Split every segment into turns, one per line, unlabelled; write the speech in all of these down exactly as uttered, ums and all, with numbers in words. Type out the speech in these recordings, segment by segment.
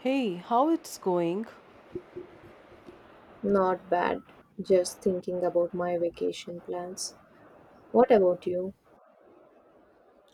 Hey, how it's going?
Not bad. Just thinking about my vacation plans. What about you?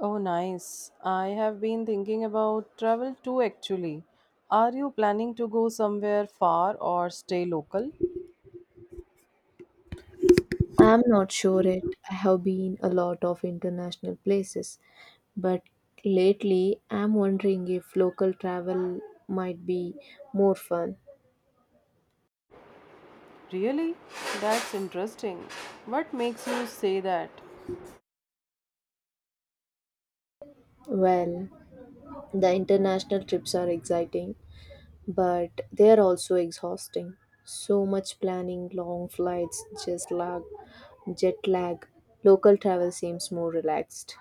Oh, nice. I have been thinking about travel too actually. Are you planning to go somewhere far or stay local?
I'm not sure it. I have been a lot of international places, but lately I'm wondering if local travel might be more fun.
Really? That's interesting. What makes you say that?
Well, the international trips are exciting, but they are also exhausting. So much planning, long flights, just lag, jet lag. Local travel seems more relaxed.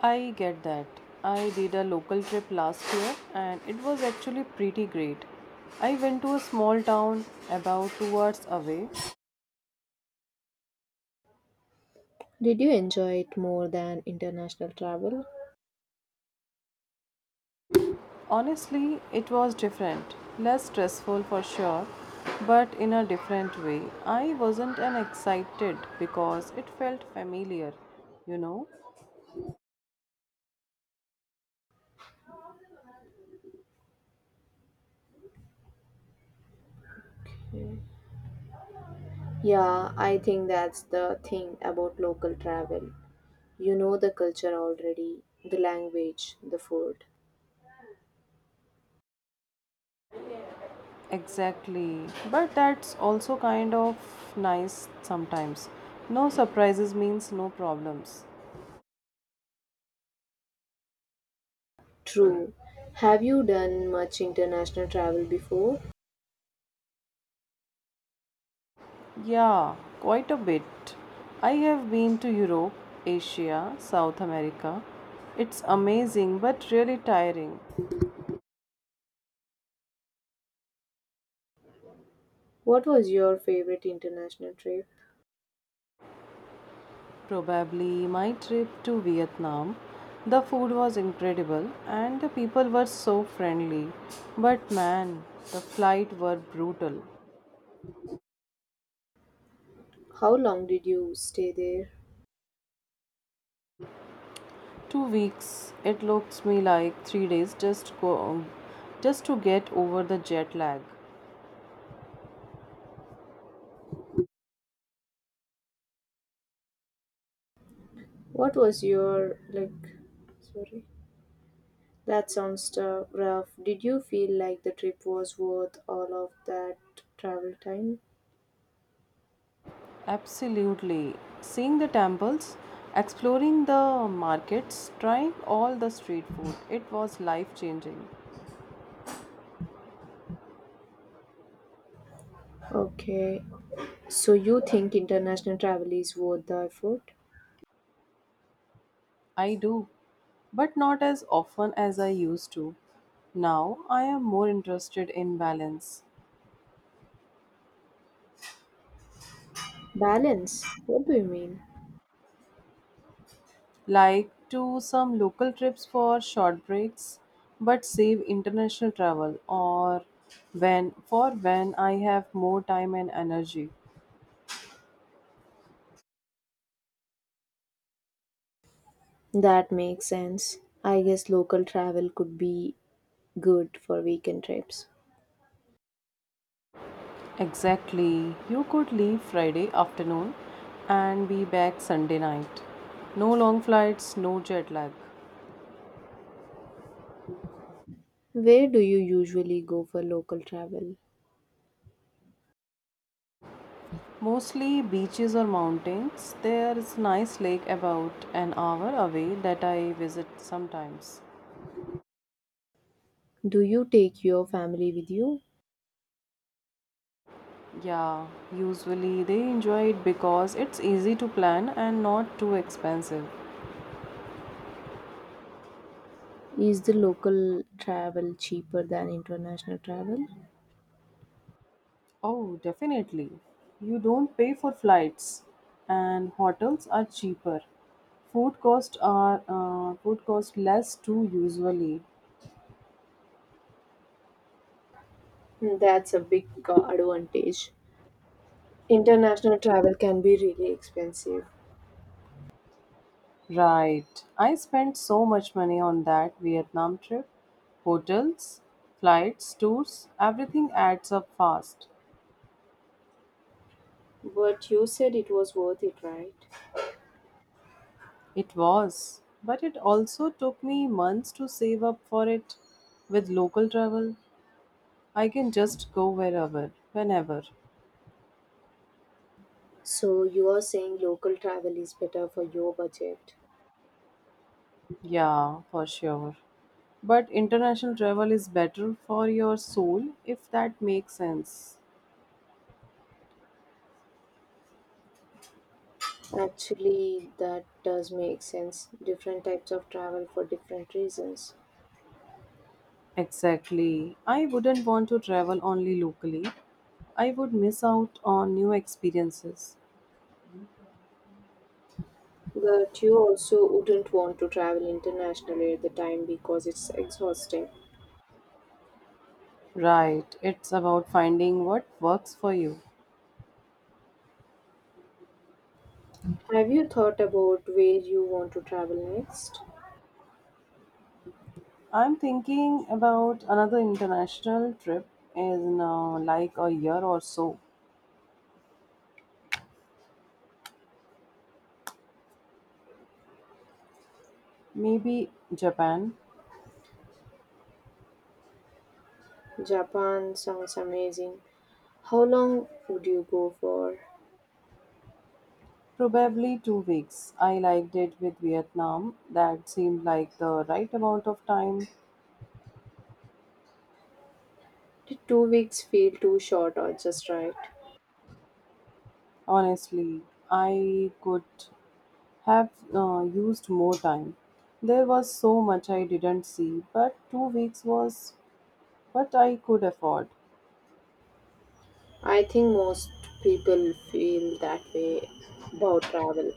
I get that. I did a local trip last year and it was actually pretty great. I went to a small town about two hours away.
Did you enjoy it more than international travel?
Honestly, it was different. Less stressful for sure, but in a different way. I wasn't an excited because it felt familiar, you know?
Yeah, I think that's the thing about local travel. You know the culture already, the language, the food.
Exactly. But that's also kind of nice sometimes. No surprises means no problems.
True. Have you done much international travel before?
Yeah, quite a bit. I have been to Europe, Asia, South America. It's amazing but really tiring.
What was your favorite international trip?
Probably my trip to Vietnam. The food was incredible and the people were so friendly. But man, the flight were brutal.
How long did you stay there?
Two weeks, it looks me like three days just go just to get over the jet lag.
What was your like sorry. That sounds tou- rough. Did you feel like the trip was worth all of that travel time?
Absolutely. Seeing the temples, exploring the markets, trying all the street food. It was life-changing.
Okay, so you think international travel is worth the effort?
I do, but not as often as I used to. Now I am more interested in balance,
Balance? What do you mean?
like to some local trips for short breaks, but save international travel or when for when I have more time and energy.
That makes sense. I guess local travel could be good for weekend trips.
Exactly. You could leave Friday afternoon and be back Sunday night. No long flights, no jet lag.
Where do you usually go for local travel?
Mostly beaches or mountains. There is nice lake about an hour away that I visit sometimes.
Do you take your family with you?
Yeah, usually they enjoy it because it's easy to plan and not too expensive.
Is the local travel cheaper than international travel?
Oh, definitely. You don't pay for flights and hotels are cheaper. Food cost are uh, food cost less too usually.
That's a big uh, advantage. International travel can be really expensive.
Right. I spent so much money on that Vietnam trip. Hotels, flights, tours, everything adds up fast.
But you said it was worth it, right?
It was. But it also took me months to save up for it. With local travel, I can just go wherever, whenever.
So you are saying local travel is better for your budget.
Yeah, for sure. But international travel is better for your soul if that makes sense.
Actually, that does make sense. Different types of travel for different reasons.
Exactly. I wouldn't want to travel only locally. I would miss out on new experiences.
But you also wouldn't want to travel internationally at the time because it's exhausting.
Right. It's about finding what works for you.
Have you thought about where you want to travel next?
I'm thinking about another international trip in uh, like a year or so. Maybe Japan.
Japan sounds amazing. How long would you go for?
Probably two weeks. I liked it with Vietnam. That seemed like the right amount of time.
Did two weeks feel too short or just right?
Honestly, I could have uh, used more time. There was so much I didn't see, but two weeks was what I could afford.
I think most people feel that way about travel.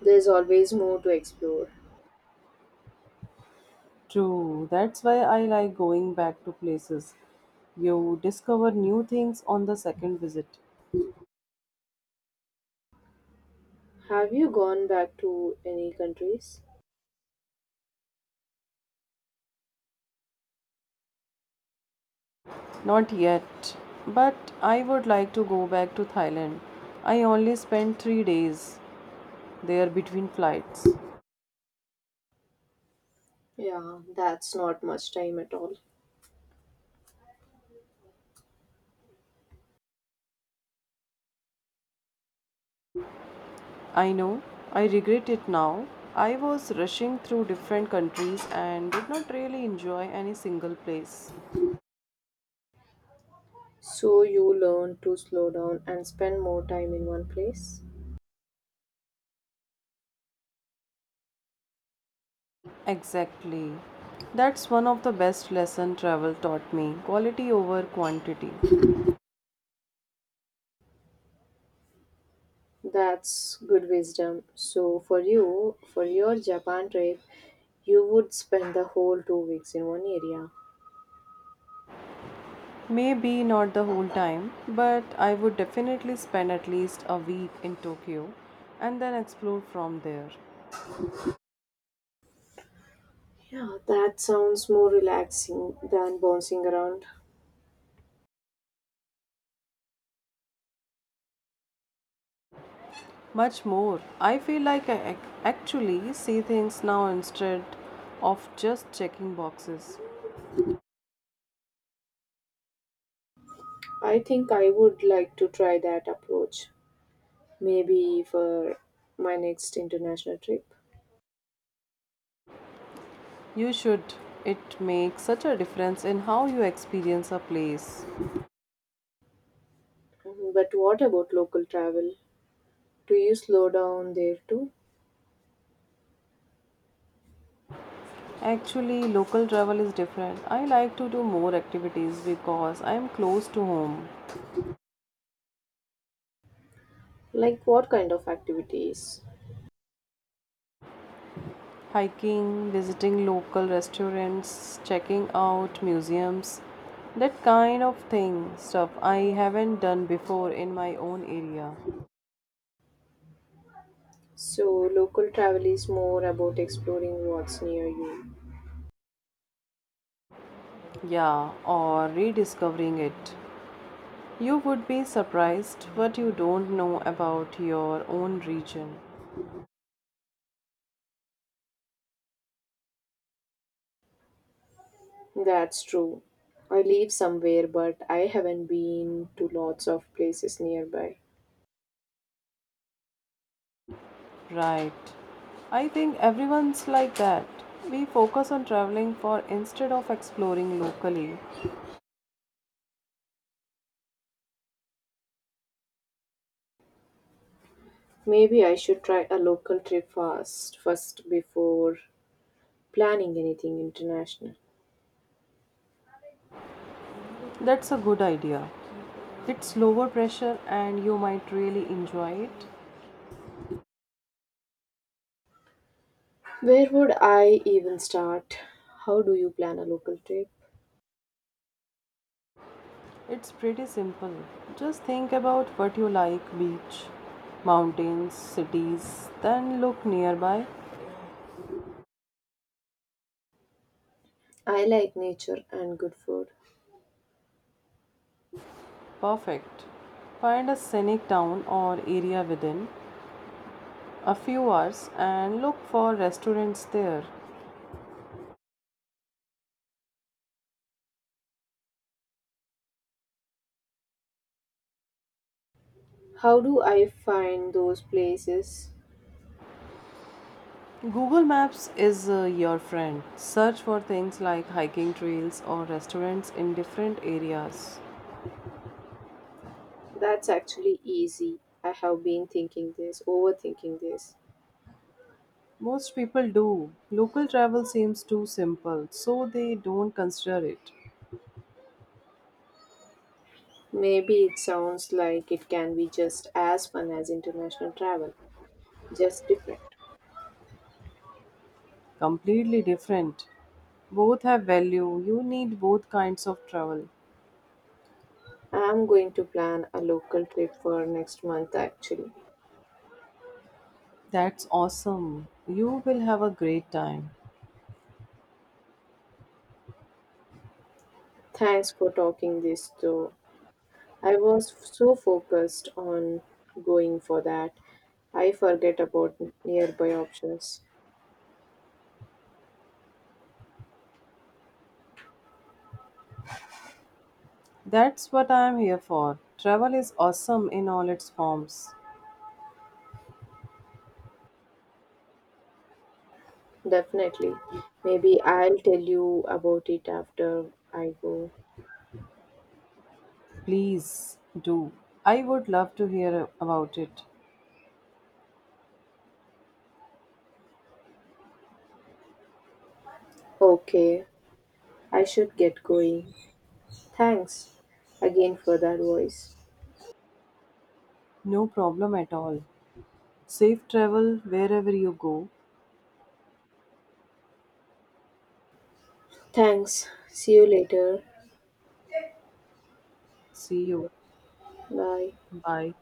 There's always more to explore.
True, that's why I like going back to places. You discover new things on the second visit.
Have you gone back to any countries?
Not yet, but I would like to go back to Thailand. I only spent three days there between flights.
Yeah, that's not much time at all.
I know, I regret it now. I was rushing through different countries and did not really enjoy any single place.
So you learn to slow down and spend more time in one place.
Exactly. That's one of the best lesson travel taught me, quality over quantity.
That's good wisdom. So for you, for your Japan trip, you would spend the whole two weeks in one area.
Maybe not the whole time, but I would definitely spend at least a week in Tokyo and then explore from there.
Yeah, that sounds more relaxing than bouncing around.
Much more. I feel like I ac- actually see things now instead of just checking boxes.
I think I would like to try that approach, maybe for my next international trip.
You should. It makes such a difference in how you experience a place.
Mhm, but what about local travel? Do you slow down there too?
Actually, local travel is different. I like to do more activities because I am close to home.
Like what kind of activities?
Hiking, visiting local restaurants, checking out museums, that kind of thing, stuff I haven't done before in my own area.
So, local travel is more about exploring what's near you.
Yeah, or rediscovering it. You would be surprised what you don't know about your own region.
That's true. I live somewhere, but I haven't been to lots of places nearby.
Right. I think everyone's like that. We focus on traveling for instead of exploring locally.
Maybe I should try a local trip first, first before planning anything international.
That's a good idea. It's lower pressure and you might really enjoy it.
Where would I even start? How do you plan a local trip?
It's pretty simple. Just think about what you like beach, mountains, cities, then look nearby.
I like nature and good food.
Perfect. Find a scenic town or area within a few hours and look for restaurants there.
How do I find those places?
Google Maps is uh, your friend. Search for things like hiking trails or restaurants in different areas.
That's actually easy. I have been thinking this, overthinking this.
Most people do. Local travel seems too simple, so they don't consider it.
Maybe it sounds like it can be just as fun as international travel, just different.
Completely different. Both have value. You need both kinds of travel.
I'm going to plan a local trip for next month actually.
That's awesome. You will have a great time.
Thanks for talking this through. I was so focused on going for that, I forget about nearby options.
That's what I am here for. Travel is awesome in all its forms.
Definitely. Maybe I'll tell you about it after I go.
Please do. I would love to hear about it.
Okay, I should get going. Thanks again for that voice.
No problem at all. Safe travel wherever you go.
Thanks. See you later.
See you.
Bye.
Bye.